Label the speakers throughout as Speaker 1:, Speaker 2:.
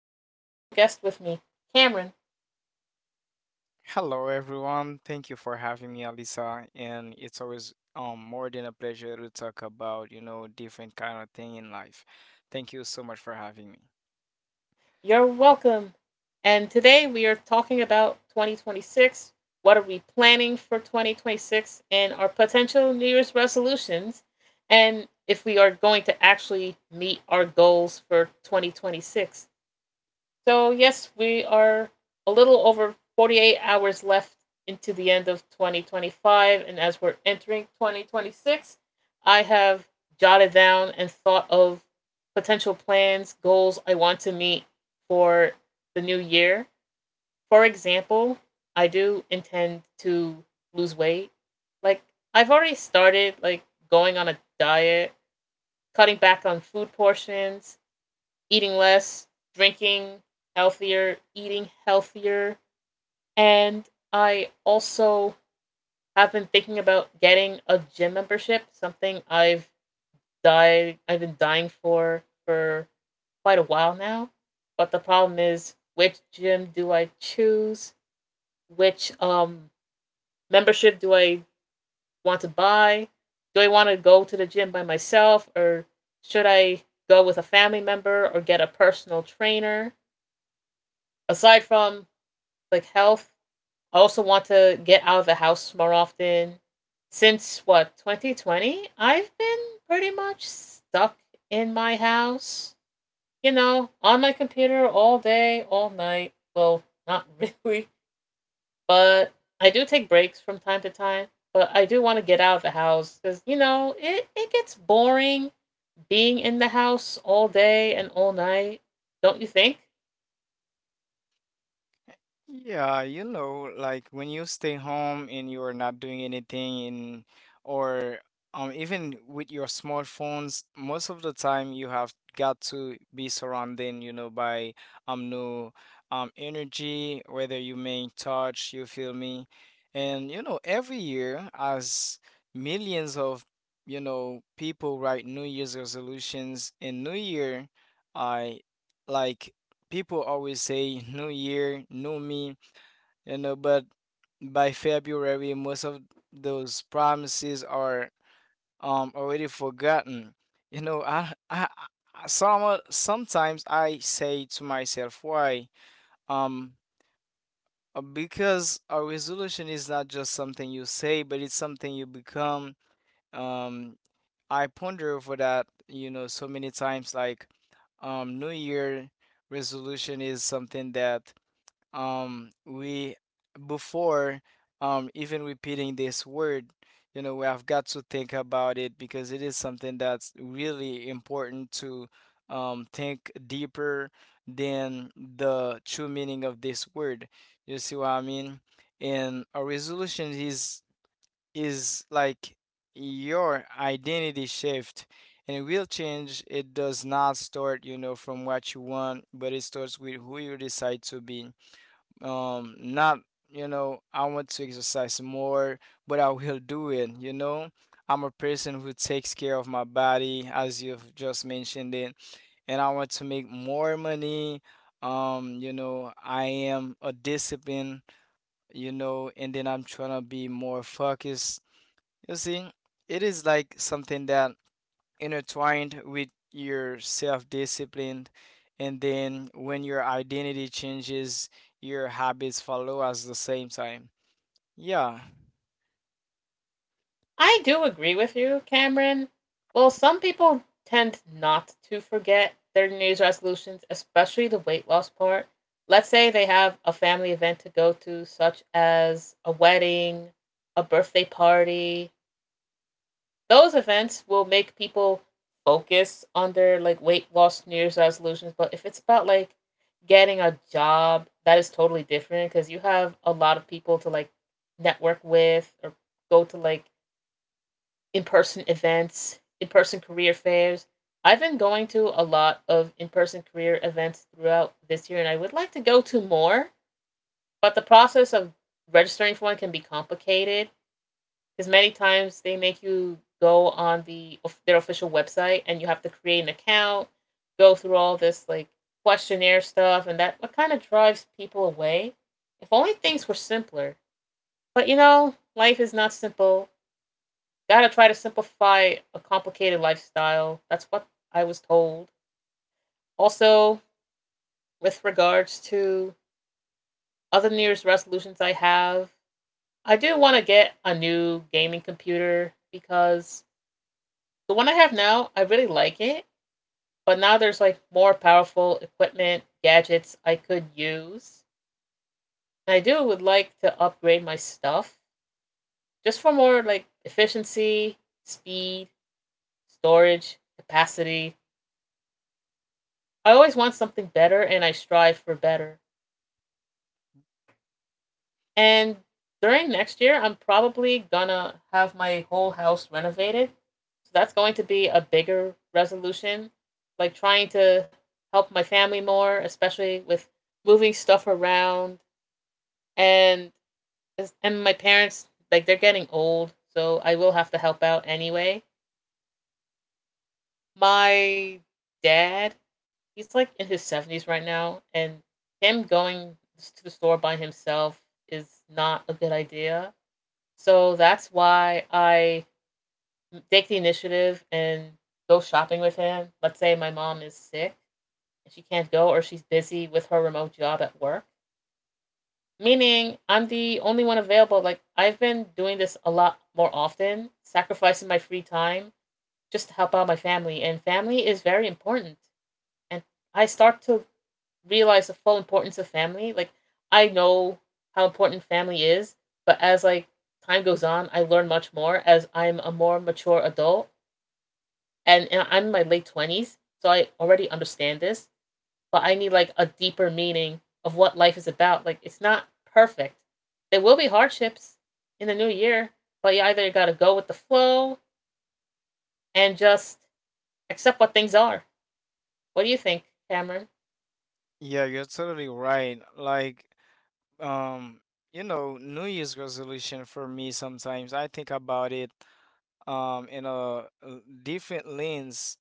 Speaker 1: and I have a special guest with me, Cameron.
Speaker 2: Hello, everyone. Thank you for having me, Alisa. And it's always more than a pleasure to talk about, you know, different kind of thing in life. Thank you so much for having me.
Speaker 1: You're welcome. And today we are talking about 2026. What are we planning for 2026 and our potential New Year's resolutions? And if we are going to actually meet our goals for 2026. So, yes, we are a little over 48 hours left into the end of 2025. And as we're entering 2026, I have jotted down and thought of potential plans, goals I want to meet for the new year. For example, I do intend to lose weight. Like, I've already started, like, going on a diet, cutting back on food portions, eating less, drinking healthier, eating healthier, and I also have been thinking about getting a gym membership, something I've been dying for quite a while now. But the problem is, which gym do I choose? Which membership do I want to buy? Do I want to go to the gym by myself, or should I go with a family member or get a personal trainer? Aside from like health. I also want to get out of the house more often. Since what, 2020, I've been pretty much stuck in my house. You know, on my computer all day, all night. Well, not really, but I do take breaks from time to time. But I do want to get out of the house because you know it gets boring being in the house all day and all night. Don't you think?
Speaker 2: Yeah, you know, like when you stay home and you are not doing anything in or even with your smartphones, most of the time you have got to be surrounded, you know, by new energy, whether you may touch, you feel me? And you know, every year as millions of, you know, people write New Year's resolutions in New Year, I like people always say new year, new me, you know, but by February, most of those promises are already forgotten. You know, sometimes I say to myself, why? Um, because a resolution is not just something you say, but it's something you become. Um, I ponder over that, you know, so many times. Like, New Year resolution is something that we before even repeating this word, you know, we have got to think about it because it is something that's really important to think deeper than the true meaning of this word. You see what I mean? And a resolution is like your identity shift, and real change, it does not start, you know, from what you want, but it starts with who you decide to be. Not, you know, I want to exercise more, but I will do it, you know. I'm a person who takes care of my body, as you've just mentioned it. And I want to make more money. You know, I am a discipline, you know, and then I'm trying to be more focused. You see, it is like something that intertwined with your self-discipline, and then when your identity changes, your habits follow at the same time. Yeah.
Speaker 1: I do agree with you, Cameron. Well, some people tend not to forget their New Year's resolutions, especially the weight loss part. Let's say they have a family event to go to, such as a wedding, a birthday party. Those events will make people focus on their like weight loss New Year's resolutions. But if it's about like getting a job, that is totally different because you have a lot of people to like network with or go to like in person events, in person career fairs. I've been going to a lot of in person career events throughout this year, and I would like to go to more, but the process of registering for one can be complicated because many times they make you go on their official website and you have to create an account, go through all this like questionnaire stuff, and that what kind of drives people away. If only things were simpler. But you know, life is not simple. Gotta try to simplify a complicated lifestyle. That's what I was told. Also, with regards to other New Year's resolutions I have, I do want to get a new gaming computer because the one I have now, I really like it. But now there's like more powerful equipment, gadgets I could use. And I do would like to upgrade my stuff just for more like efficiency, speed, storage, capacity. I always want something better and I strive for better. And during next year, I'm probably gonna have my whole house renovated. So that's going to be a bigger resolution, like trying to help my family more, especially with moving stuff around and my parents, like they're getting old, so I will have to help out anyway. My dad, he's like in his 70s right now, and him going to the store by himself is not a good idea. So that's why I take the initiative and go shopping with him. Let's say my mom is sick and she can't go, or she's busy with her remote job at work. Meaning I'm the only one available. Like, I've been doing this a lot more often, sacrificing my free time just to help out my family. And family is very important. And I start to realize the full importance of family. Like, I know how important family is, but as like time goes on, I learn much more as I'm a more mature adult, and I'm in my late 20s, so I already understand this. But I need like a deeper meaning of what life is about. Like it's not perfect. There will be hardships in the new year, but you either gotta go with the flow and just accept what things are. What do you think, Cameron?
Speaker 2: Yeah, you're totally right. Like, um you know, new year's resolution for me, sometimes I think about it in a uh, different lens.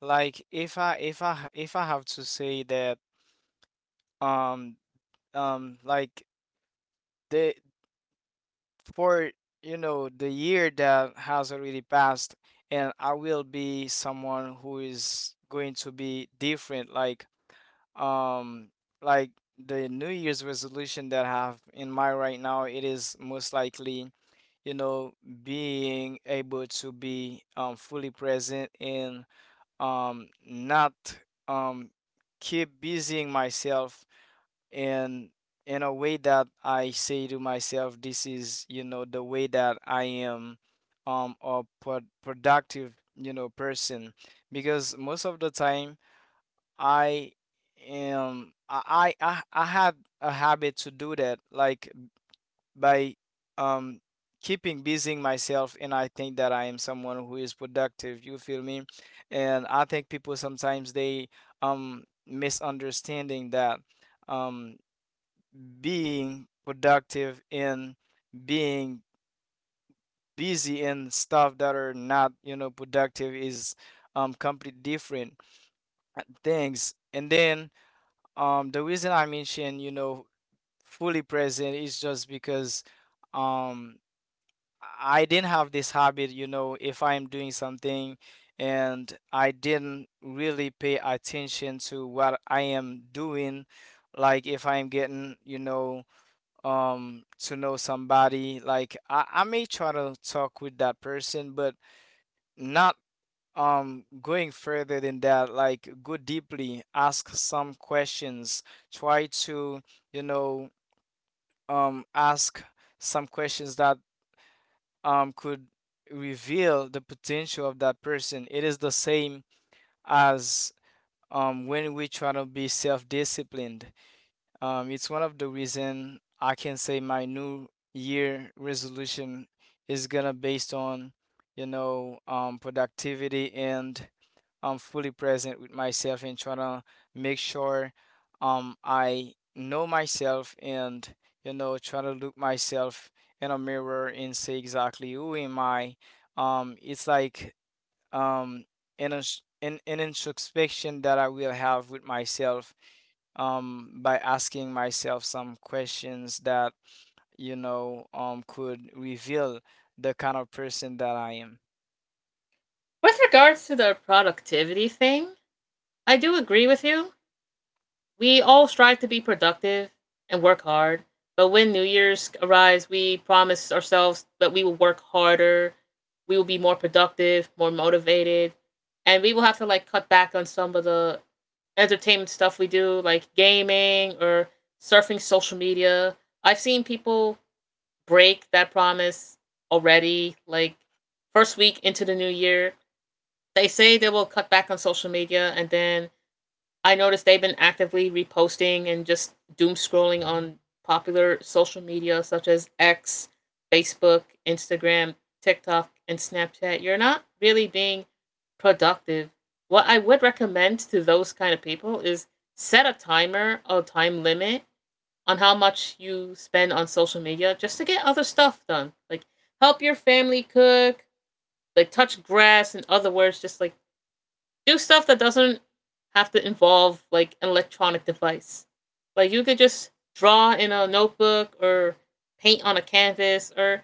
Speaker 2: Like, if I have to say that, um like, the for, you know, the year that has already passed, and I will be someone who is going to be different. Like, um like the new year's resolution that I have in mind right now, it is most likely, you know, being able to be fully present and not um keep busying myself, and in a way that I say to myself, this is, you know, the way that I am a productive, you know, person. Because most of the time I am, I had a habit to do that, like by um keeping busying myself and I think that I am someone who is productive, you feel me? And I think people sometimes they misunderstanding that. Um, Being productive and being busy and stuff that are not, you know, productive is completely different things. And then the reason I mentioned, you know, fully present is just because um I didn't have this habit. You know, if I'm doing something and I didn't really pay attention to what I am doing, like if I'm getting, you know, to know somebody, like I may try to talk with that person but not going further than that, like go deeply, ask some questions, try to, you know, ask some questions that could reveal the potential of that person. It is the same as when we try to be self-disciplined. It's one of the reason I can say my new year resolution is gonna based on, you know, productivity and I'm fully present with myself and trying to make sure I know myself and, you know, trying to look myself in a mirror and say exactly who am I. It's like um, an ins- an in introspection that I will have with myself, by asking myself some questions that, you know, could reveal the kind of person that I am.
Speaker 1: With regards to the productivity thing, I do agree with you. We all strive to be productive and work hard, but when New Year's arrives, we promise ourselves that we will work harder, we will be more productive, more motivated, and we will have to like cut back on some of the entertainment stuff we do, like gaming or surfing social media. I've seen people break that promise already, like first week into the new year. They say they will cut back on social media, and then I noticed they've been actively reposting and just doom scrolling on popular social media such as X, Facebook, Instagram, TikTok, and Snapchat. You're not really being productive. What I would recommend to those kind of people is set a timer, a time limit on how much you spend on social media just to get other stuff done. Like help your family cook, like touch grass, in other words, just like do stuff that doesn't have to involve like an electronic device. Like you could just draw in a notebook or paint on a canvas or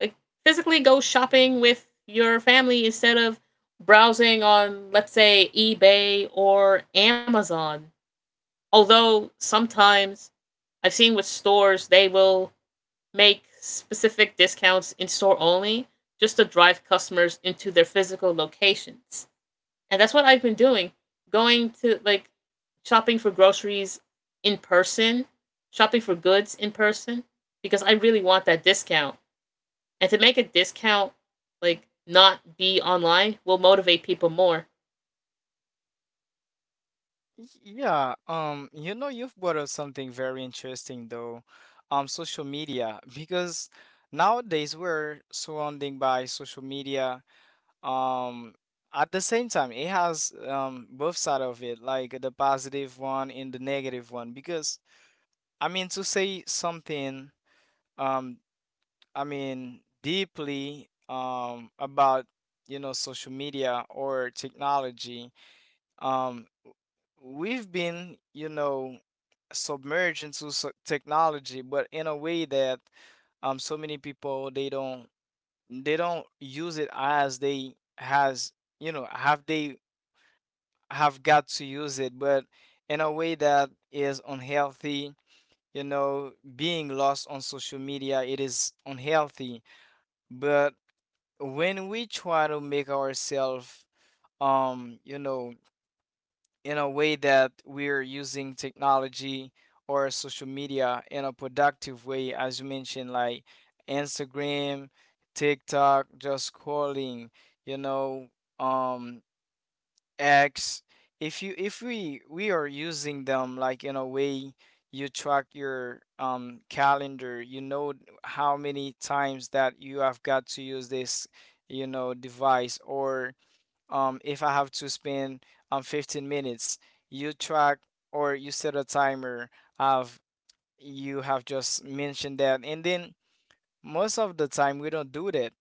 Speaker 1: like physically go shopping with your family instead of browsing on, let's say, eBay or Amazon. Although sometimes I've seen with stores they will make specific discounts in store only just to drive customers into their physical locations. And that's what I've been doing. Going to like shopping for groceries in person, shopping for goods in person because I really want that discount. And to make a discount like not be online will motivate people more.
Speaker 2: Yeah, you know, you've brought up something very interesting though, social media, because nowadays we're surrounding by social media. um at the same time, it has both side of it, like the positive one and the negative one. Because I mean to say something, um I mean deeply about, you know, social media or technology, um we've been, you know, submerged into technology, but in a way that so many people, they don't use it as they has, you know, have they have got to use it, but in a way that is unhealthy. You know, being lost on social media, it is unhealthy. But when we try to make ourselves, you know, in a way that we're using technology or social media in a productive way, as you mentioned, like Instagram, TikTok, just scrolling, you know, um, X, if we are using them like in a way you track your calendar, you know, how many times that you have got to use this, you know, device. Or if I have to spend 15 minutes, you track or you set a timer of, you have just mentioned that, and then most of the time we don't do that.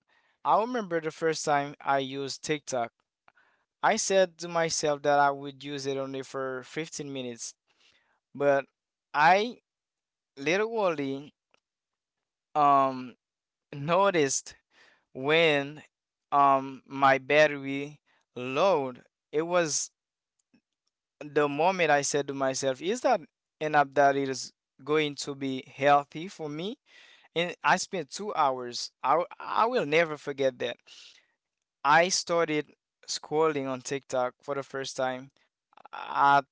Speaker 2: I remember the first time I used TikTok. I said to myself that I would use it only for 15 minutes, but I literally um noticed when my battery load, it was the moment I said to myself, is that an app that is going to be healthy for me? And I spent 2 hours. I will never forget that. I started scrolling on TikTok for the first time at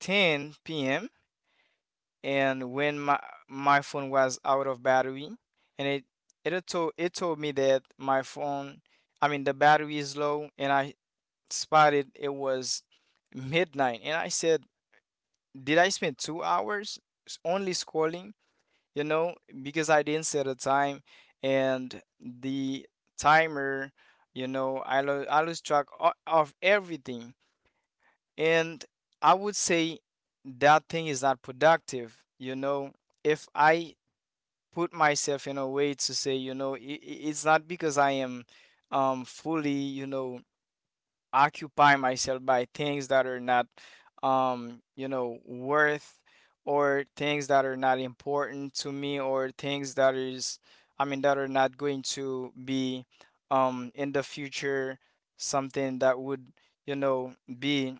Speaker 2: 10 p.m. And when my phone was out of battery, and it told me that my phone, I mean the battery is low, and I spotted it was midnight, and I said, did I spend 2 hours only scrolling? You know, because I didn't set a time and the timer, you know, I lose track of everything. And I would say that thing is not productive. You know, if I put myself in a way to say, you know, it's not because I am fully, you know, occupy myself by things that are not, you know, worth, or things that are not important to me, or things that is, I mean, that are not going to be in the future something that would, you know, be,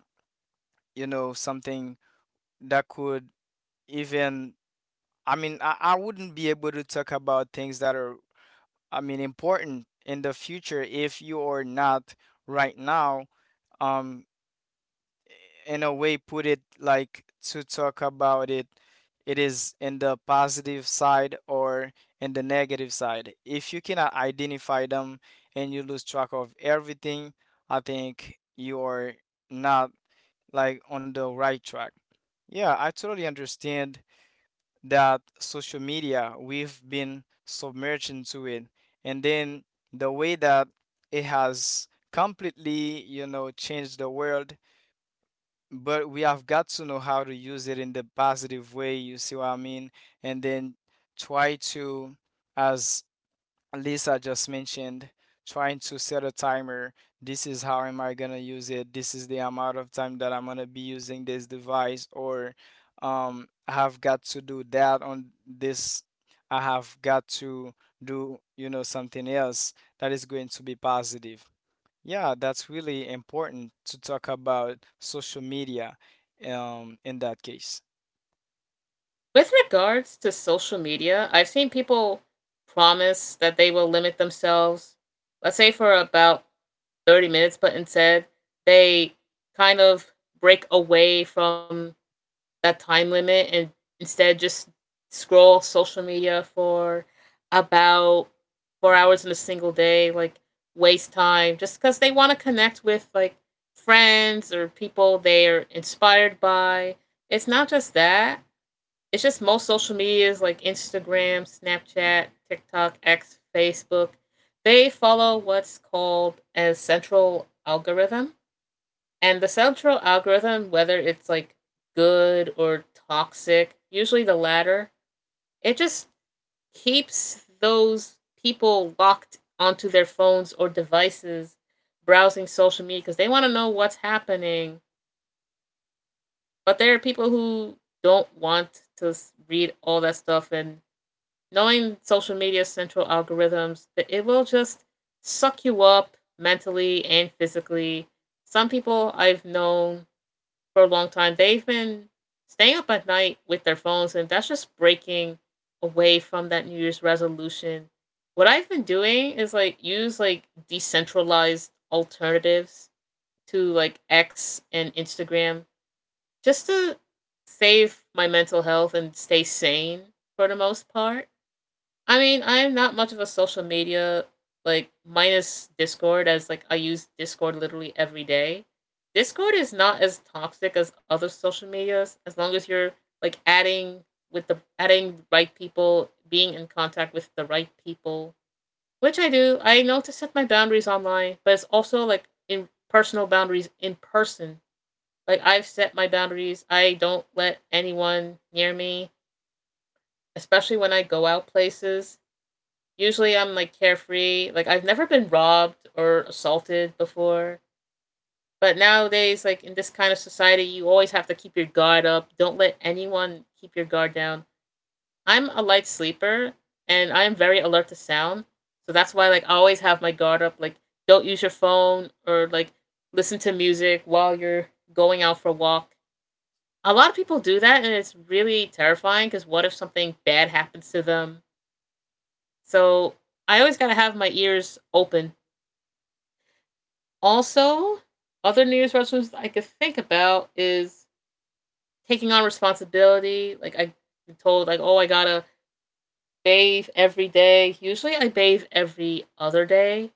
Speaker 2: you know, something that could even, I mean, I wouldn't be able to talk about things that are, I mean, important in the future if you are not right now. Um, in a way, put it like to talk about it, it is in the positive side or in the negative side. If you cannot identify them and you lose track of everything, I think you are not like on the right track. Yeah, I totally understand that social media, we've been submerged into it, and then the way that it has completely, you know, changed the world. But we have got to know how to use it in the positive way, you see what I mean? And then try to, as Lisa just mentioned, trying to set a timer. This is how am I gonna use it. This is the amount of time that I'm gonna be using this device. Or I have got to do that on this. I have got to do, you know, something else that is going to be positive. Yeah, that's really important to talk about social media, in that case.
Speaker 1: With regards to social media, I've seen people promise that they will limit themselves, let's say for about 30 minutes, but instead they kind of break away from that time limit and instead just scroll social media for about 4 hours in a single day, like waste time just because they want to connect with like friends or people they're inspired by. It's not just that. It's just most social medias like Instagram, Snapchat, TikTok, X, Facebook. They follow what's called a central algorithm, and the central algorithm, whether it's like good or toxic, usually the latter, it just keeps those people locked onto their phones or devices browsing social media because they want to know what's happening. But there are people who don't want to read all that stuff. And knowing social media's central algorithms, it will just suck you up mentally and physically. Some people I've known for a long time. They've been staying up at night with their phones, and that's just breaking away from that New Year's resolution. What I've been doing is like use like decentralized alternatives to like X and Instagram just to save my mental health and stay sane for the most part. I mean, I'm not much of a social media, like minus Discord, as like I use Discord literally every day. Discord is not as toxic as other social medias as long as you're like adding the right people, being in contact with the right people, which I do. I know to set my boundaries online, but it's also like in personal boundaries in person. Like I've set my boundaries. I don't let anyone near me, especially when I go out places. Usually I'm like carefree. Like I've never been robbed or assaulted before. But nowadays, like in this kind of society, you always have to keep your guard up. Don't let anyone keep your guard down. I'm a light sleeper and I am very alert to sound. So that's why like I always have my guard up. Like don't use your phone or like listen to music while you're going out for a walk. A lot of people do that and it's really terrifying because what if something bad happens to them? So I always gotta have my ears open. Also, other New Year's resolutions I could think about is taking on responsibility. Like I told, like, oh, I gotta bathe every day. Usually, I bathe every other day,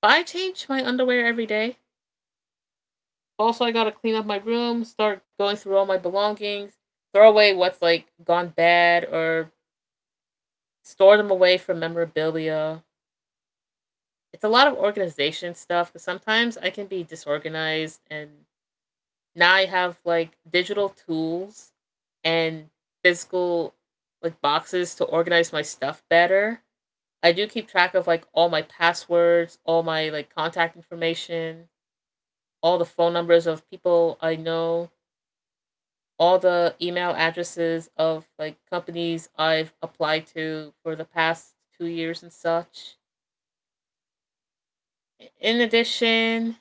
Speaker 1: but I change my underwear every day. Also, I gotta clean up my room, start going through all my belongings, throw away what's like gone bad, or store them away for memorabilia. It's a lot of organization stuff because sometimes I can be disorganized and now I have like digital tools and physical like boxes to organize my stuff better. I do keep track of like all my passwords, all my like contact information, all the phone numbers of people I know, all the email addresses of like companies I've applied to for the past 2 years and such. In addition,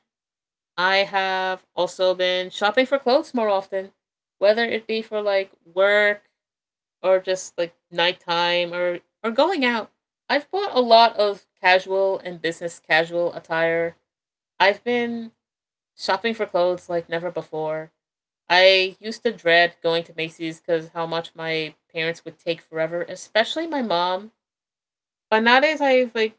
Speaker 1: I have also been shopping for clothes more often, whether it be for like work or just like nighttime or going out. I've bought a lot of casual and business casual attire. I've been shopping for clothes like never before. I used to dread going to Macy's because how much my parents would take forever, especially my mom. But nowadays I've like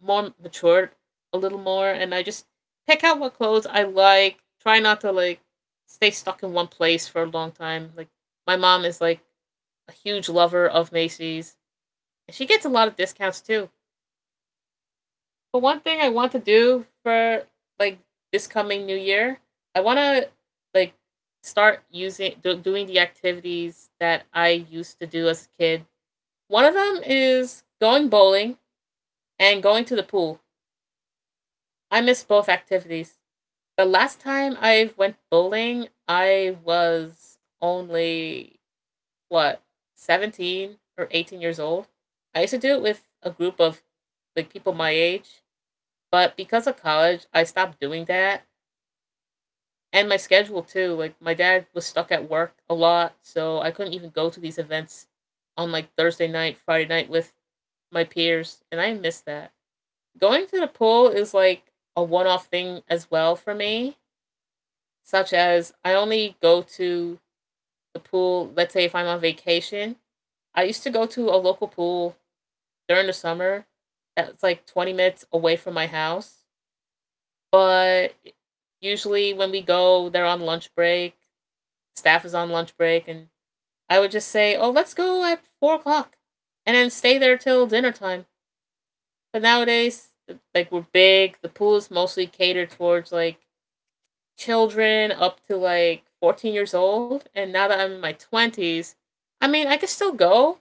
Speaker 1: more matured a little more, and I just pick out what clothes I like. Try not to like stay stuck in one place for a long time. Like my mom is like a huge lover of Macy's. She gets a lot of discounts too. But one thing I want to do for like this coming new year, I want to like start doing the activities that I used to do as a kid. One of them is going bowling and going to the pool. I miss both activities. The last time I went bowling, I was only what, 17 or 18 years old. I used to do it with a group of like people my age. But because of college, I stopped doing that and my schedule too. Like my dad was stuck at work a lot, so I couldn't even go to these events on like Thursday night, Friday night with my peers, and I miss that. Going to the pool is like a one-off thing as well for me, such as I only go to the pool, let's say if I'm on vacation. I used to go to a local pool during the summer that's like 20 minutes away from my house, but usually when we go, they're on lunch break. Staff is on lunch break, and I would just say, "Oh, let's go at 4 o'clock," and then stay there till dinner time. But nowadays, like we're big, the pool is mostly catered towards like children up to like 14 years old. And now that I'm in my twenties, I mean, I could still go,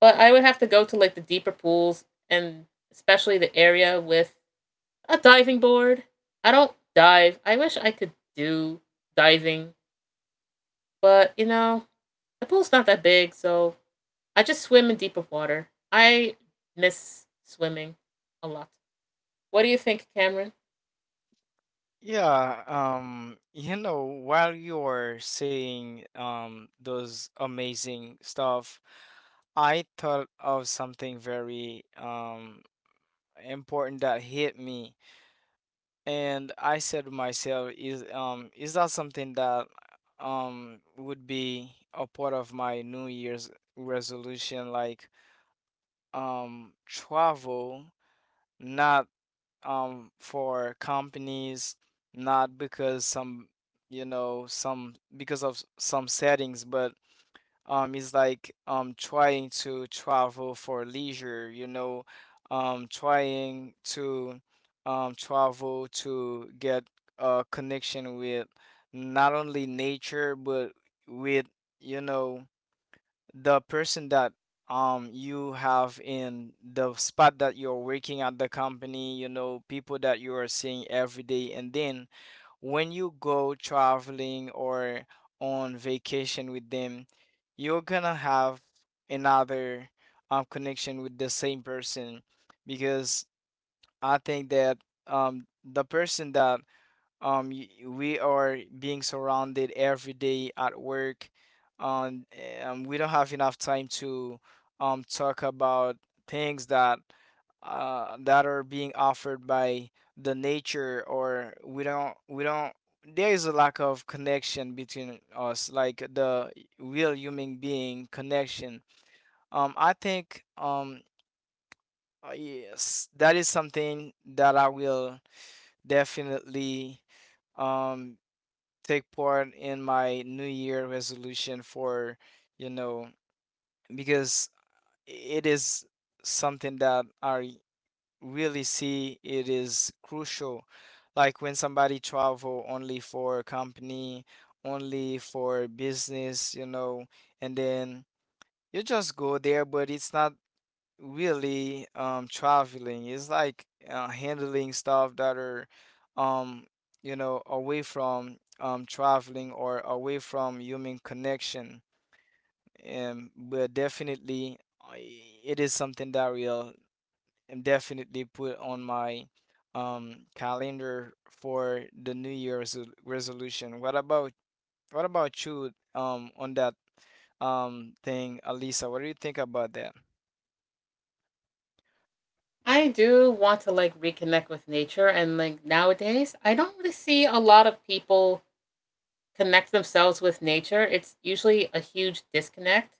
Speaker 1: but I would have to go to like the deeper pools and especially the area with a diving board. I don't dive. I wish I could do diving. But you know, the pool's not that big, so I just swim in deeper water. I miss swimming a lot. What do you think, Cameron?
Speaker 2: Yeah, you know, while you're saying those amazing stuff, I thought of something very important that hit me. And I said to myself, is that something that would be a part of my New Year's resolution, like travel, not for companies, not because some some because of some settings, but it's like trying to travel for leisure, trying to travel to get a connection with not only nature but with you know the person that you have in the spot that you're working at the company, you know, people that you are seeing every day. And then when you go traveling or on vacation with them, you're gonna have another connection with the same person, because I think that the person that we are being surrounded every day at work, um, we don't have enough time to talk about things that that are being offered by the nature. Or we don't, there is a lack of connection between us, like the real human being connection. Um i think um uh, yes that is something that I will definitely um take part in my new year resolution for, you know because it is something that I really see it is crucial. Like when somebody travel only for company, only for business, you know, and then you just go there, but it's not really traveling. It's like handling stuff that are um you know, away from traveling or away from human connection. But definitely it is something that will definitely put on my calendar for the new year's resolution. What about you, on that thing, Alisa? What do you think about that?
Speaker 1: I do want to like reconnect with nature, and like nowadays, I don't really see a lot of people connect themselves with nature. It's usually a huge disconnect.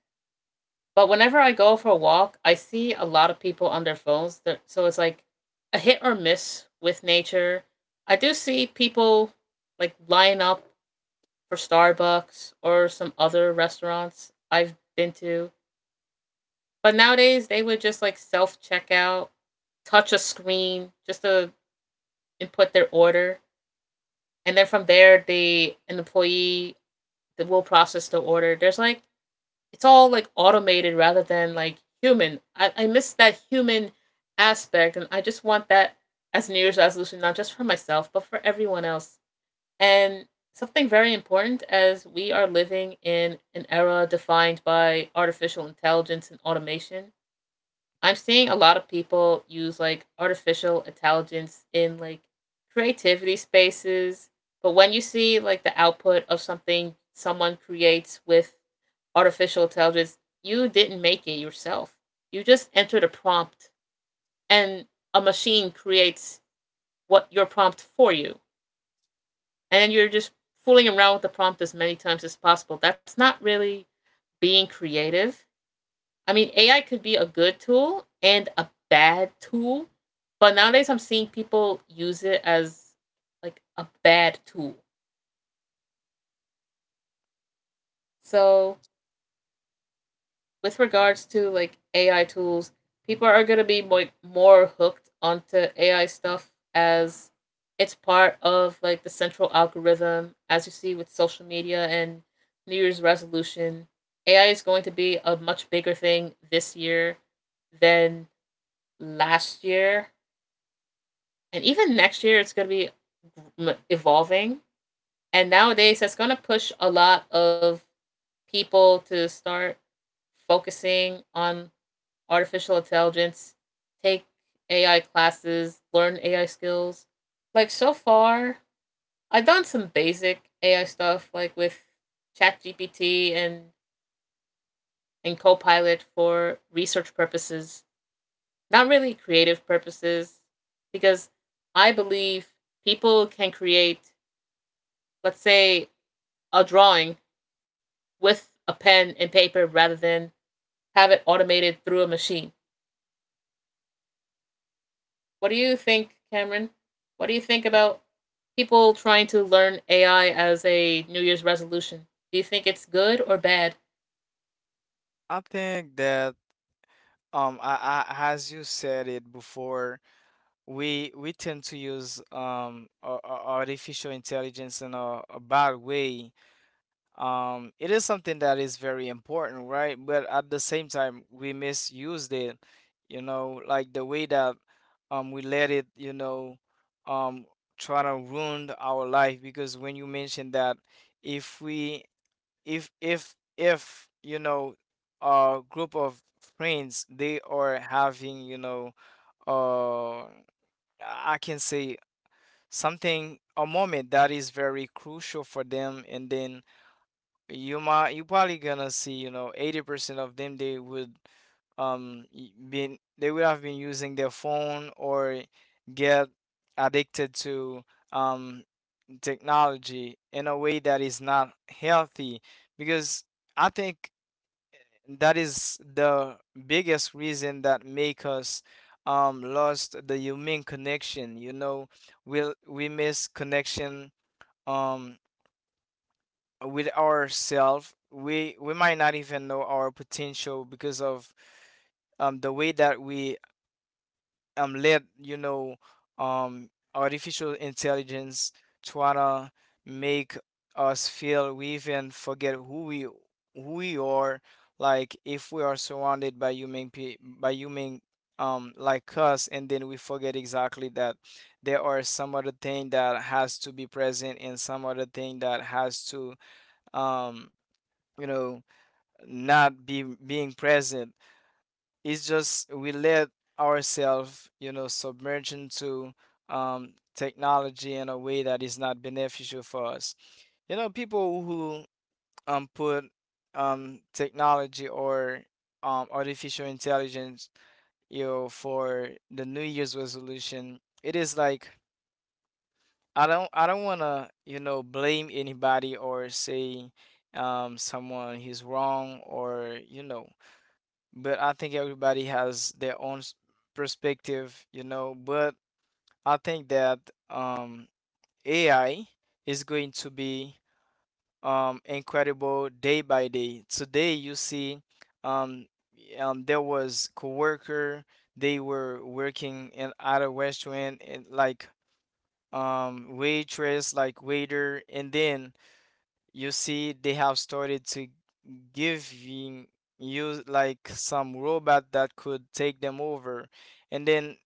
Speaker 1: But whenever I go for a walk, I see a lot of people on their phones. That, so it's like a hit or miss with nature. I do see people like line up for Starbucks or some other restaurants I've been to. But nowadays they would just like self checkout, touch a screen just to input their order, and then from there the an employee will process the order. There's like it's all like automated rather than like human. I miss that human aspect and I just want that as New Year's resolution, not just for myself, but for everyone else. And something very important, as we are living in an era defined by artificial intelligence and automation. I'm seeing a lot of people use like artificial intelligence in like creativity spaces. But when you see like the output of something someone creates with artificial intelligence, you didn't make it yourself. You just entered a prompt and a machine creates what your prompt for you and you're just fooling around with the prompt as many times as possible. That's not really being creative. I mean, AI could be a good tool and a bad tool, but nowadays I'm seeing people use it as like a bad tool. So with regards to like AI tools, people are gonna be like more hooked onto AI stuff as it's part of like the central algorithm, as you see with social media and New Year's resolution. AI is going to be a much bigger thing this year than last year, and even next year, it's gonna be evolving. And nowadays, that's gonna push a lot of people to start focusing on artificial intelligence, take AI classes, learn AI skills. Like so far, I've done some basic AI stuff like with ChatGPT and Copilot for research purposes, not really creative purposes, because I believe people can create, let's say, a drawing with a pen and paper rather than have it automated through a machine. What do you think, Cameron? What do you think about people trying to learn AI as a New Year's resolution? Do you think it's good or bad?
Speaker 2: I think that, as you said it before, we tend to use artificial intelligence in a bad way. It is something that is very important, right? But at the same time, we misused it. You know, like the way that we let it, you know, um try to ruin our life. Because when you mentioned that, if we, if you know, a group of friends, they are having, uh I can say, something, a moment that is very crucial for them, and then you might, you probably gonna see, you know, 80% of them, they would y- been they would have been using their phone or get addicted to um technology in a way that is not healthy. Because I think that is the biggest reason that make us lost the human connection. You know, we miss connection um with ourselves. We might not even know our potential because of the way that we let, you know, artificial intelligence try to make us feel. We even forget who we, who we are. Like if we are surrounded by by human, like us, and then we forget exactly that there are some other thing that has to be present and some other thing that has to um you know not be being present. It's just we let ourselves, you know, submerge into technology in a way that is not beneficial for us. You know, people who put technology or artificial intelligence, you know, for the new year's resolution, it is like, I don't want to, you know, blame anybody or say, someone he's wrong, or you know, but I think everybody has their own perspective, you know. But I think that, um, AI is going to be incredible day by day. Today, you see, um, there was coworker. They were working in at a restaurant, and like waitress, like waiter, and then you see they have started to giving you like some robot that could take them over. And then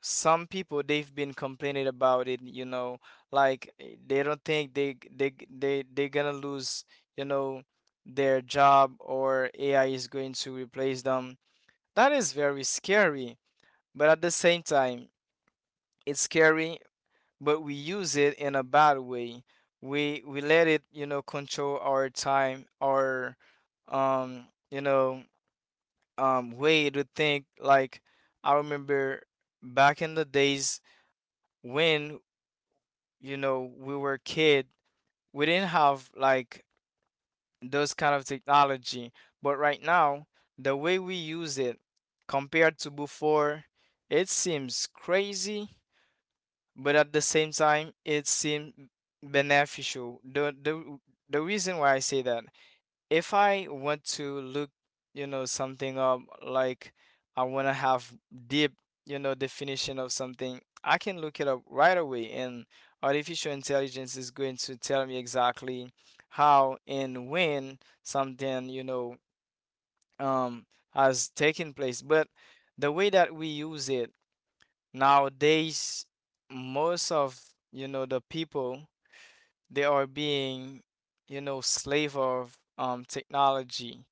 Speaker 2: some people they've been complaining about it, you know, like, they don't think they're gonna lose, you know, their job, or AI is going to replace them. That is very scary. But at the same time, it's scary, but we use it in a bad way. We let it, you know, control our time, our um, you know, way to think. Like I remember back in the days when, you know, we were kid, we didn't have like those kind of technology. But right now, the way we use it compared to before, it seems crazy, but at the same time it seems beneficial. The reason why I say that, if I want to look, you know, something up, like I want to have deep, you know, definition of something, I can look it up right away, and artificial intelligence is going to tell me exactly how and when something, um has taken place. But the way that we use it nowadays, most of, you know, the people, they are being, you know, slave of technology,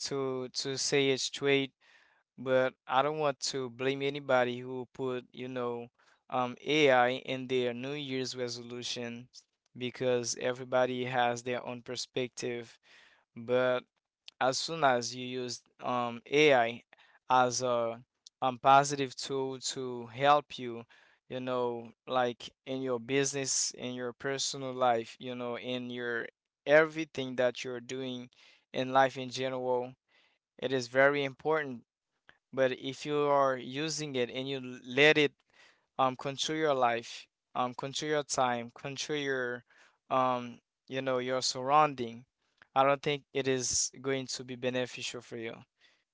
Speaker 2: to say it straight. But I don't want to blame anybody who put, you know, AI in their New Year's resolution, because everybody has their own perspective. But as soon as you use AI as a positive tool to help you, you know, like in your business, in your personal life, you know, in your everything that you're doing in life in general, it is very important. But if you are using it and you let it control your life, control your time, control your um you know, your surrounding, I don't think it is going to be beneficial for you.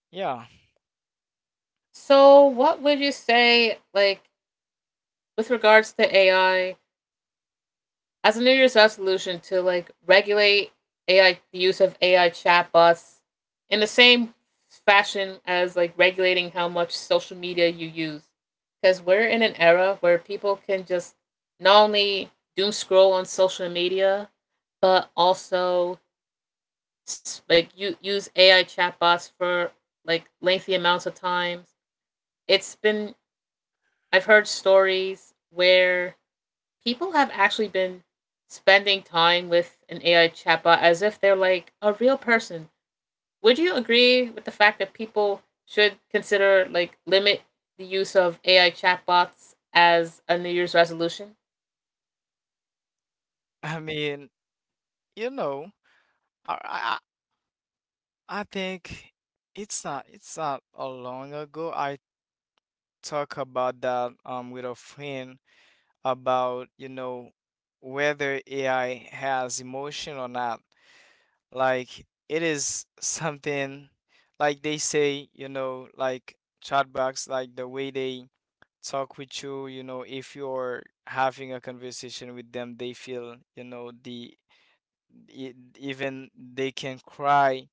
Speaker 2: Yeah.
Speaker 1: So, what would you say, like, with regards to AI as a New Year's resolution, to like regulate AI, the use of AI chatbots in the same fashion as like regulating how much social media you use. Because we're in an era where people can just not only doom scroll on social media, but also like you use AI chatbots for like lengthy amounts of times. It's been, I've heard stories where people have actually been spending time with an AI chatbot as if they're like a real person. Would you agree with the fact that people should consider like limit the use of AI chatbots as a New Year's resolution?
Speaker 2: I mean, you know, I I, I I think it's not, it's not a long ago I talk about that with a friend about, you know, whether AI has emotion or not. Like it is something, like they say, you know, like chatbots, like the way they talk with you, you know, if you're having a conversation with them, they feel, you know, e- even they can cry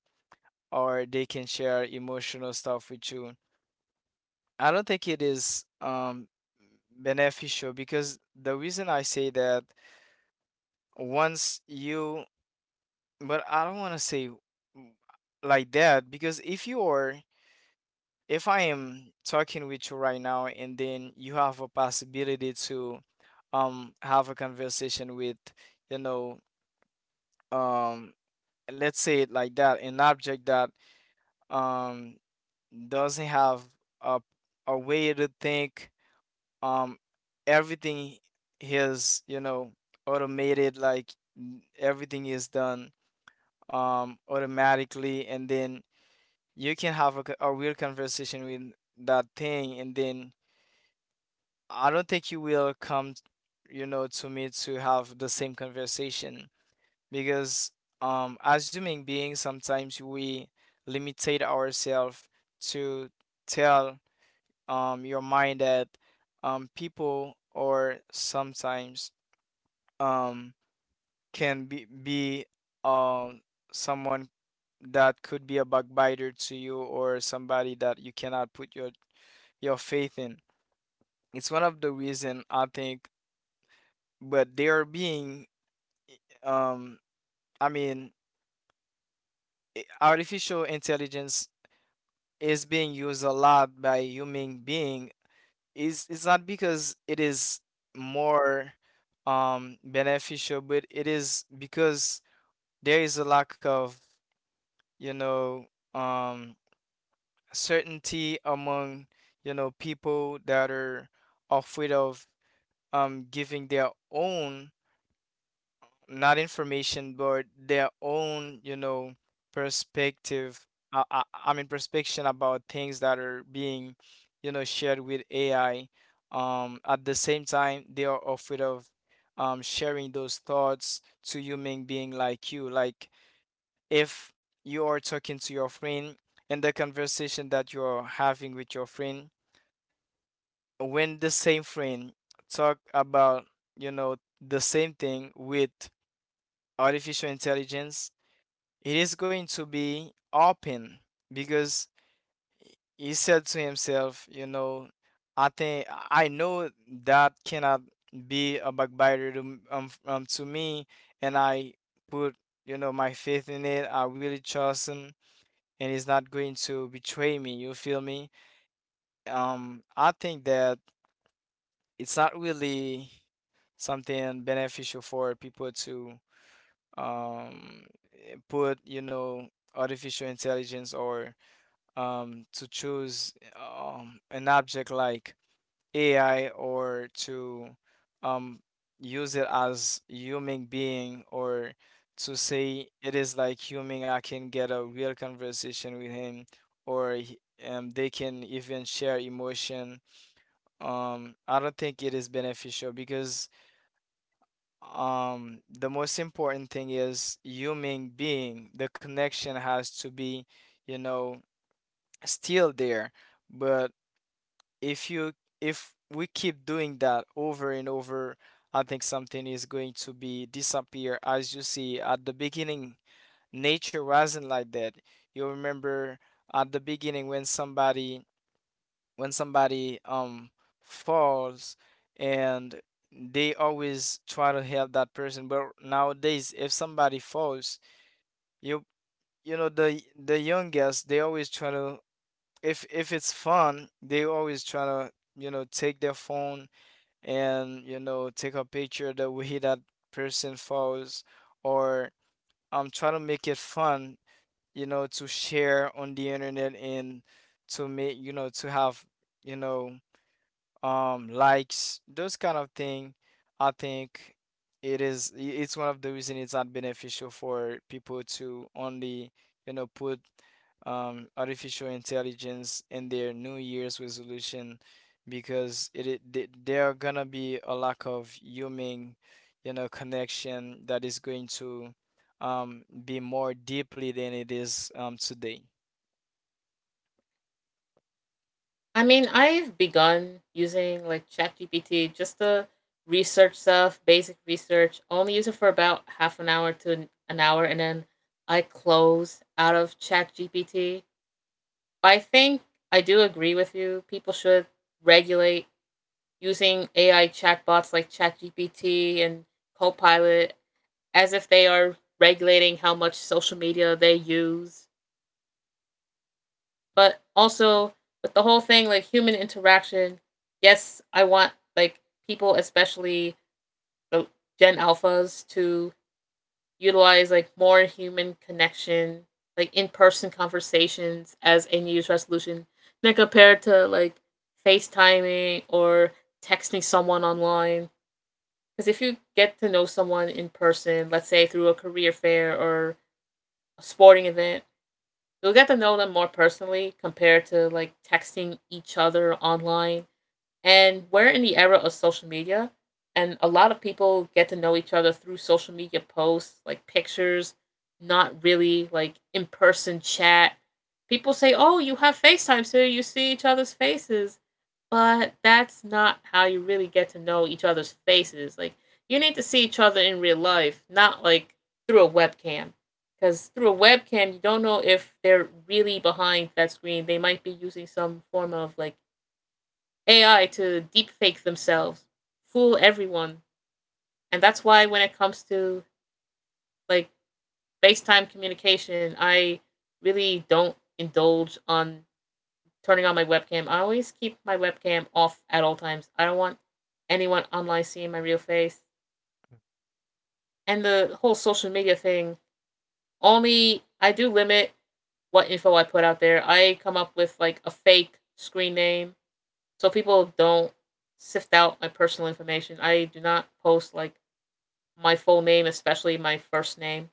Speaker 2: or they can share emotional stuff with you. I don't think it is beneficial, because the reason I say that, once you, but I don't want to say mm, like that. Because if you are, if I am talking with you right now and then you have a possibility to have a conversation with, you know um let's say it like that, an object that um doesn't have a a way to think, um everything is, you know, automated, like everything is done automatically, and then you can have a, a real conversation with that thing, and then I don't think you will come, you know, to me to have the same conversation. Because as human beings, sometimes we limitate ourselves to tell your mind that people or sometimes um can be um someone that could be a backbiter to you, or somebody that you cannot put your faith in. It's one of the reason I think. But they are being um i mean artificial intelligence is being used a lot by human being. Is It's not because it is more beneficial, but it is because there is a lack of, you know um certainty among, you know, people that are afraid of giving their own, not information, but their own, you know, perspective. I mean, perspective about things that are being, you know, shared with AI. At the same time, they are afraid of sharing those thoughts to human being like you. Like if you are talking to your friend, and the conversation that you are having with your friend, when the same friend talk about, you know, the same thing with artificial intelligence, it is going to be open, because he said to himself, you know, I think I know that cannot be a backbiter to me, and I put, you know, my faith in it. I really trust him, and he's not going to betray me. You feel me? I think that it's not really something beneficial for people to um put, you know, artificial intelligence, or to choose an object like AI, or to um, use it as human being, or to say it is like human, I can get a real conversation with him, or they can even share emotion. I don't think it is beneficial because the most important thing is human being. The connection has to be, you know, still there. But if you, if we keep doing that over and over, I think something is going to be disappear. As you see at the beginning, nature wasn't like that. You remember at the beginning when somebody, when somebody falls, and they always try to help that person. But nowadays, if somebody falls, you you know, the youngest, they always try to, if it's fun, they always try to, you know, take their phone and, you know, take a picture the way that person falls, or try to make it fun, you know, to share on the internet, and to make, you know, to have, you know, likes, those kind of thing. I think it is, it's one of the reason it's not beneficial for people to only, you know, put artificial intelligence in their new year's resolution, because there are gonna be a lack of human, you know, connection that is going to be more deeply than it is today.
Speaker 1: I mean, I've begun using like ChatGPT just to research stuff, basic research. Only use it for about half an hour to an hour, and then I close out of ChatGPT. I think I do agree with you. People should regulate using AI chatbots like ChatGPT and Copilot as if they are regulating how much social media they use. But also, with the whole thing, like human interaction, yes, I want like people, especially the Gen Alphas, to utilize like more human connection, like in person conversations as a New Year's resolution than compared to like FaceTiming or texting someone online. Because if you get to know someone in person, let's say through a career fair or a sporting event, you'll get to know them more personally compared to like texting each other online. And we're in the era of social media, and a lot of people get to know each other through social media posts, like pictures, not really like in person chat. People say, oh, you have FaceTime, so you see each other's faces. But that's not how you really get to know each other's faces. Like, you need to see each other in real life, not like through a webcam. Because through a webcam, you don't know if they're really behind that screen. They might be using some form of like AI to deepfake themselves, fool everyone. And that's why when it comes to like FaceTime communication, I really don't indulge on turning on my webcam. I always keep my webcam off at all times. I don't want anyone online seeing my real face. And the whole social media thing, only I do limit what info I put out there. I come up with like a fake screen name so people don't sift out my personal information. I do not post like my full name, especially my first name.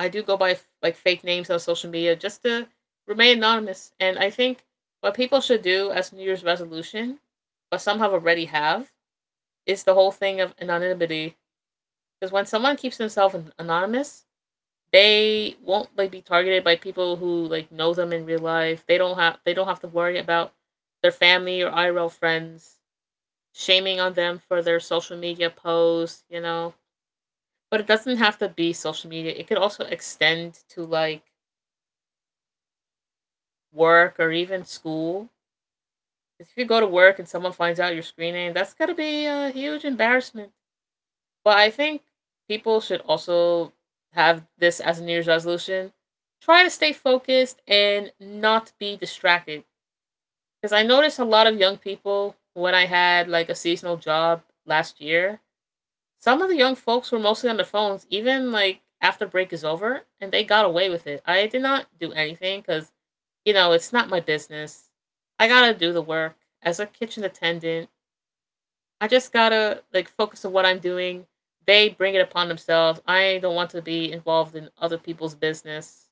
Speaker 1: I do go by like fake names on social media just to remain anonymous. And I think what people should do as New Year's resolution, but some have already have, is the whole thing of anonymity. Because when someone keeps themselves anonymous, they won't like be targeted by people who like know them in real life. They don't have to worry about their family or IRL friends shaming on them for their social media posts. You know. But it doesn't have to be social media. It could also extend to like work or even school. 'Cause if you go to work and someone finds out your screen name, that's got to be a huge embarrassment. But I think people should also have this as a New Year's resolution. Try to stay focused and not be distracted. Because I noticed a lot of young people when I had like a seasonal job last year, some of the young folks were mostly on their phones, even like after break is over, and they got away with it. I did not do anything because, you know, it's not my business. I gotta do the work as a kitchen attendant. I just gotta like focus on what I'm doing. They bring it upon themselves. I don't want to be involved in other people's business.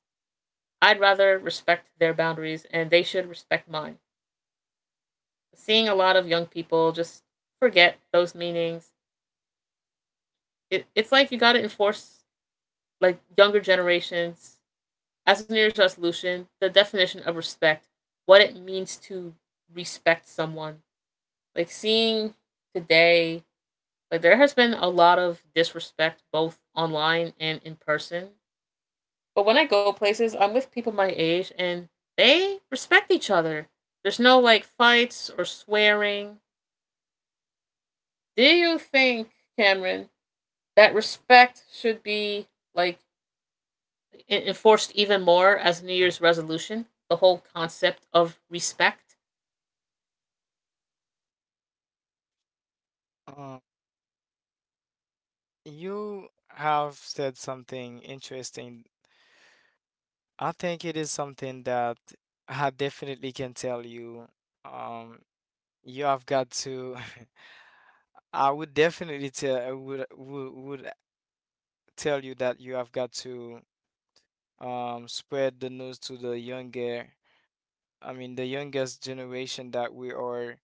Speaker 1: I'd rather respect their boundaries and they should respect mine. Seeing a lot of young people just forget those meanings, it's like you gotta enforce like younger generations, as a New Year's resolution, the definition of respect, what it means to respect someone. Like seeing today, like there has been a lot of disrespect both online and in person. But when I go places, I'm with people my age and they respect each other. There's no like fights or swearing. Do you think, Cameron, that respect should be like it enforced even more as a New Year's resolution, the whole concept of respect?
Speaker 2: Uh, you have said something interesting. I think it is something that I definitely can tell you. Um, you have got to. I would definitely tell, would tell you that you have got to spread the news to the younger. The youngest generation that we are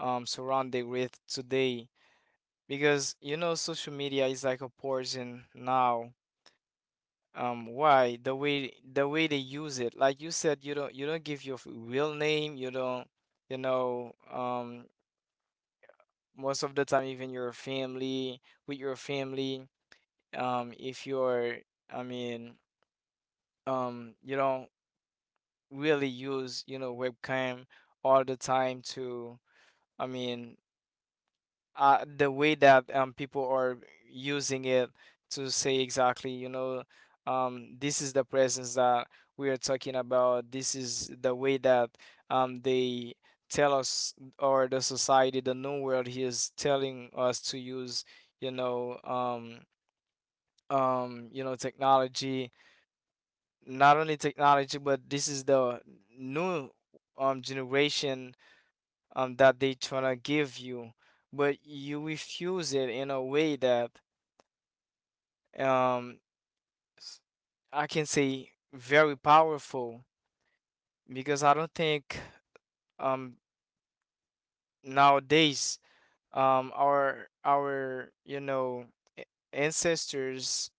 Speaker 2: surrounded with today, because social media is like a poison now. Why? The way they use it. Like you said, you don't give your real name, you don't, you know, um most of the time, even your family, with your family, if you're I mean, you don't really use, webcam all the time to I mean the way that people are using it to say exactly, this is the presence that we are talking about. This is the way that they tell us, or the society, the new world, he is telling us to use, you know, um, technology. Not only technology, but this is the new generation that they trying to give you, but you refuse it in a way that um, s- I can say very powerful, because I don't think um, nowadays, our a- ancestors,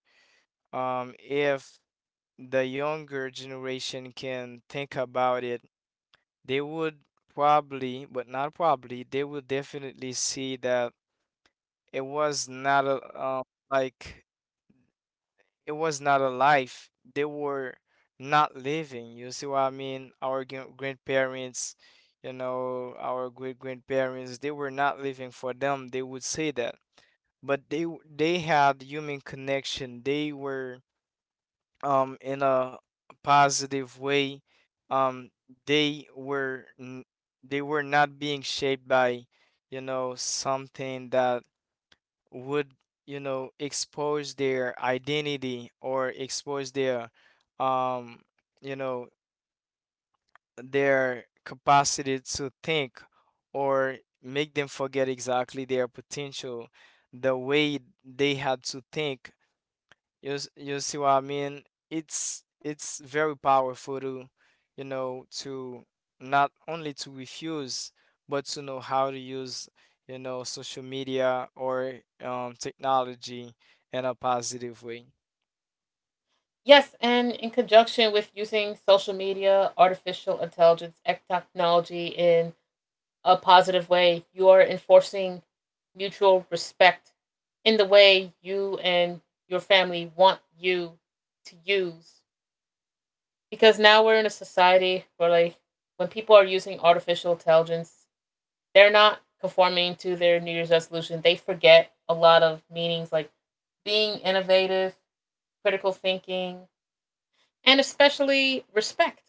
Speaker 2: if the younger generation can think about it, they would probably, but not probably, they would definitely see that it was not a, like it was not a life. They were not living. You see what I mean? Our grandparents, our great grandparents, they were not living for them. They would say that, but they had human connection. They were in a positive way. Um, they were n- they were not being shaped by, something that would expose their identity or expose their um you know their capacity to think, or make them forget exactly their potential, the way they had to think. You see what I mean? It's very powerful to, to not only to refuse, but to know how to use, social media or technology in a positive way.
Speaker 1: Yes, and in conjunction with using social media, artificial intelligence, and technology in a positive way, you are enforcing mutual respect in the way you and your family want you to use. Because now we're in a society where, like, when people are using artificial intelligence, they're not conforming to their New Year's resolution. They forget a lot of meanings like being innovative, critical thinking, and especially respect.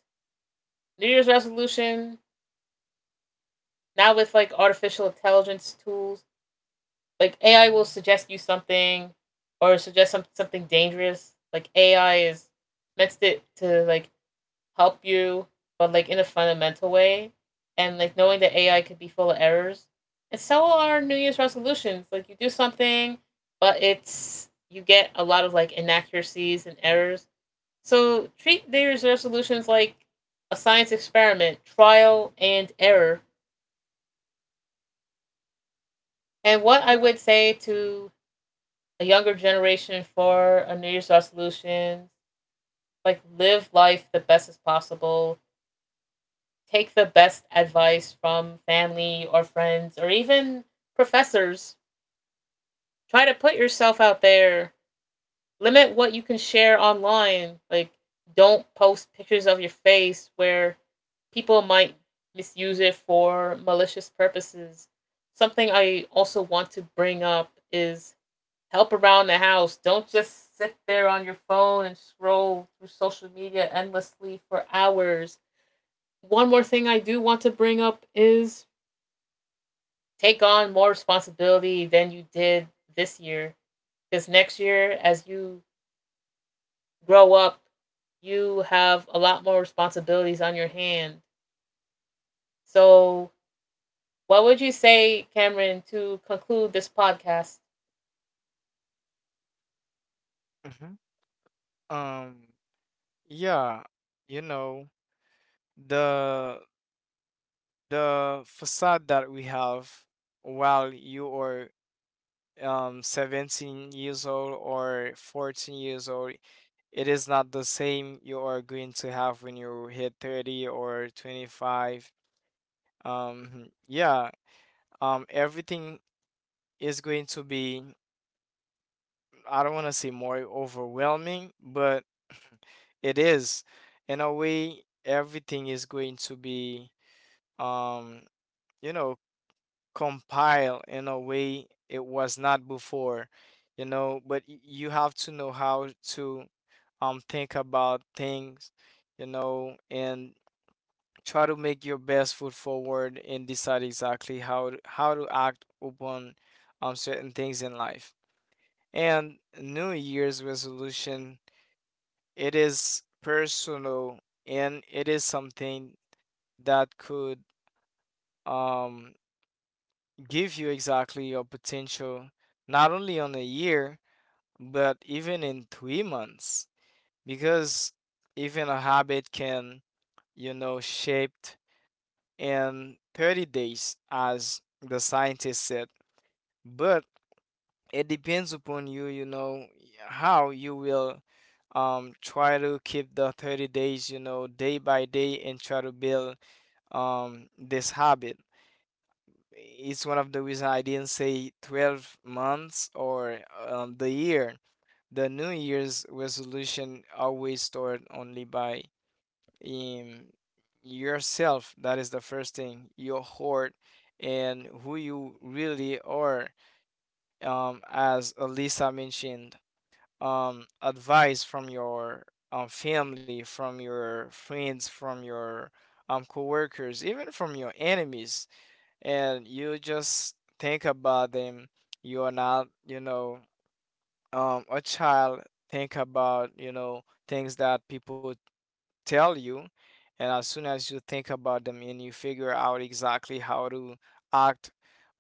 Speaker 1: New Year's resolution, now with like artificial intelligence tools, like AI will suggest you something or suggest some, something dangerous. Like AI is meant to like help you, but like in a fundamental way, and like knowing that AI could be full of errors. And so are New Year's resolutions. Like you do something, but it's you get a lot of like inaccuracies and errors. So treat New Year's resolutions like a science experiment, trial and error. And what I would say to a younger generation for a New Year's resolution, like live life the best as possible, take the best advice from family or friends or even professors. Try to put yourself out there. Limit what you can share online. Like, don't post pictures of your face where people might misuse it for malicious purposes. Something I also want to bring up is help around the house. Don't just sit there on your phone and scroll through social media endlessly for hours. One more thing I do want to bring up is take on more responsibility than you did this year. Because next year, as you grow up, you have a lot more responsibilities on your hand. So, what would you say, Cameron, to conclude this podcast?
Speaker 2: Mhm. Um, yeah, you know, the facade that we have while you are 17 years old or 14 years old, it is not the same you are going to have when you hit 30 or 25. um yeah everything is going to be, I don't want to say more overwhelming, but it is, in a way, everything is going to be um you know compile in a way it was not before. But you have to know how to think about things, and try to make your best foot forward and decide exactly how to act upon certain things in life. And new year's resolution, it is personal, and it is something that could um give you exactly your potential, not only on a year, but even in 3 months. Because even a habit can, shaped in 30 days, as the scientist said. But it depends upon you, how you will try to keep the 30 days, day by day, and try to build this habit. It's one of the reasons I didn't say 12 months or the year. The New Year's resolution always started only by um, yourself. That is the first thing, your heart and who you really are. As Elisa mentioned, advice from your family, from your friends, from your coworkers, even from your enemies. And you just think about them. You are not, a child. Think about, things that people tell you, and as soon as you think about them and you figure out exactly how to act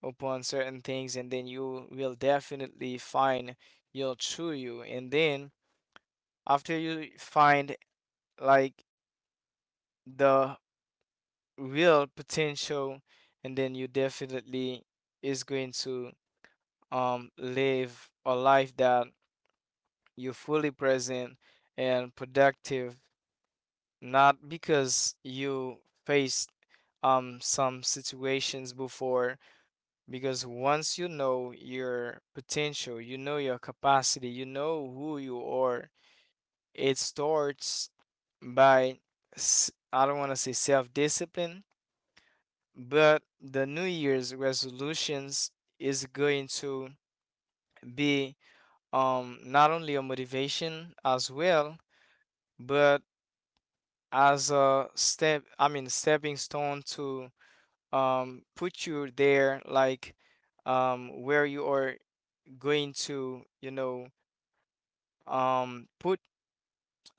Speaker 2: upon certain things, and then you will definitely find your true you. And then after you find, like, the real potential, and then you definitely is going to live a life that you're fully present and productive, not because you faced some situations before. Because once you know your potential, you know your capacity, you know who you are, it starts by, I don't want to say self discipline, but the New Year's resolutions is going to be not only a motivation as well, but as a stepping stone to put you there, like where you are going to, put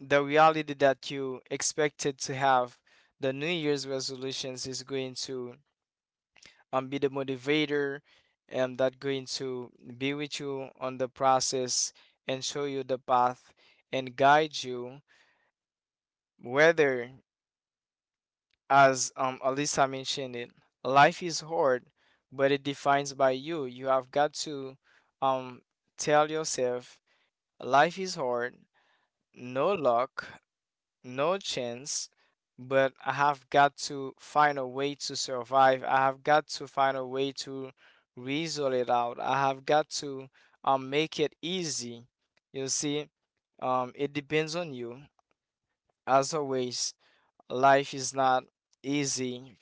Speaker 2: the reality that you expected to have. The new year's resolutions is going to be the motivator, and that going to be with you on the process and show you the path and guide you. Whether, as Alyssa mentioned it, life is hard, but it defines by you. You have got to um, tell yourself, life is hard, no luck, no chance, but I have got to find a way to survive. I have got to find a way to reason it out. I have got to make it easy. You see, it depends on you, as always. Life is not easy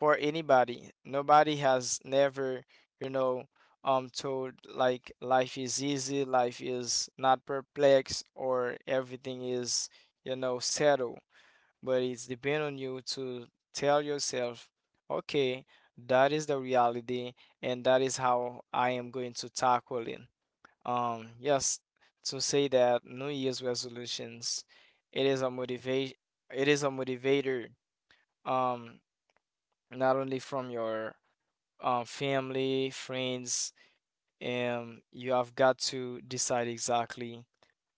Speaker 2: for anybody. Nobody has never, you know, told, like, life is easy, life is not perplexed or everything is, settled. But it's depend on you to tell yourself, okay, that is the reality and that is how I am going to tackle it. Um, yes, to say that New Year's resolutions, it is a motivation, it is a motivator, um not only from your family, friends, and you have got to decide exactly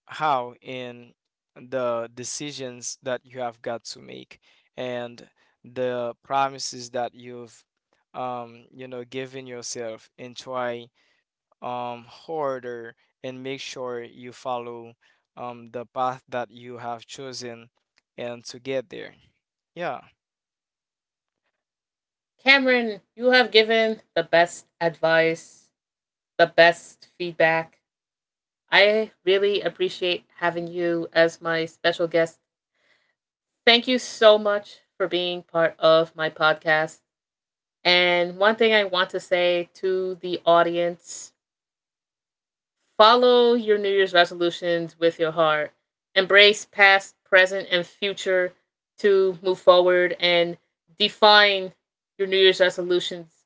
Speaker 2: how, in the decisions that you have got to make, and the promises that you've given yourself, and try harder, and make sure you follow the path that you have chosen and to get there. Yeah.
Speaker 1: Cameron, you have given the best advice, the best feedback. I really appreciate having you as my special guest. Thank you so much for being part of my podcast. And one thing I want to say to the audience, follow your New Year's resolutions with your heart. Embrace past, present, and future to move forward and define your New Year's resolutions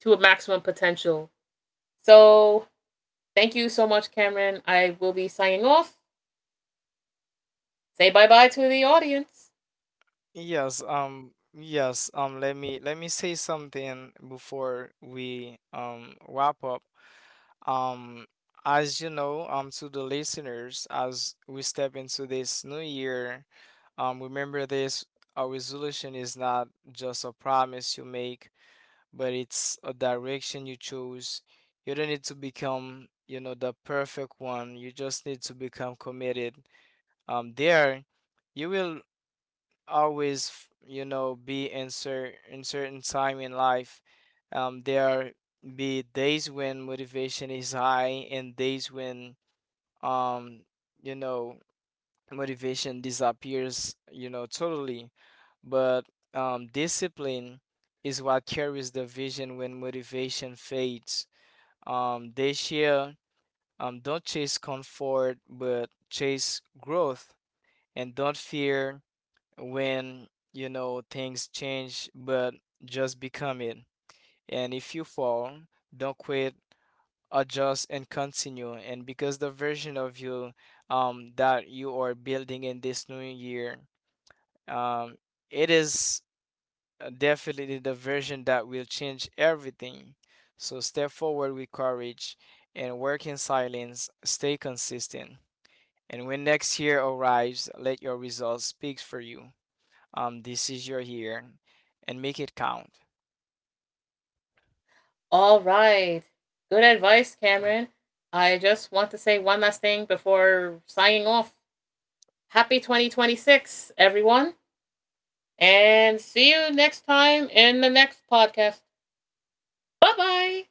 Speaker 1: to a maximum potential. So, thank you so much, Cameron. I will be signing off. Say bye bye to the audience.
Speaker 2: Yes, let me say something before we wrap up. Um, as you know, to the listeners, as we step into this new year, remember this, our resolution is not just a promise you make, but it's a direction you choose. You don't need to become, the perfect one. You just need to become committed. There, you will always be in in certain time in life. There be days when motivation is high, and days when um you know motivation disappears, totally. But discipline is what carries the vision when motivation fades. This year, don't chase comfort but chase growth, and don't fear when, things change, but just become it. And if you fall, don't quit, adjust and continue. And because the version of you that you are building in this new year, um it is definitely the version that will change everything. So step forward with courage and work in silence, stay consistent. And when next year arrives, let your results speak for you. This is your year, and make it count.
Speaker 1: All right. Good advice, Cameron. I just want to say one last thing before signing off. Happy 2026, everyone. And see you next time in the next podcast. Bye bye.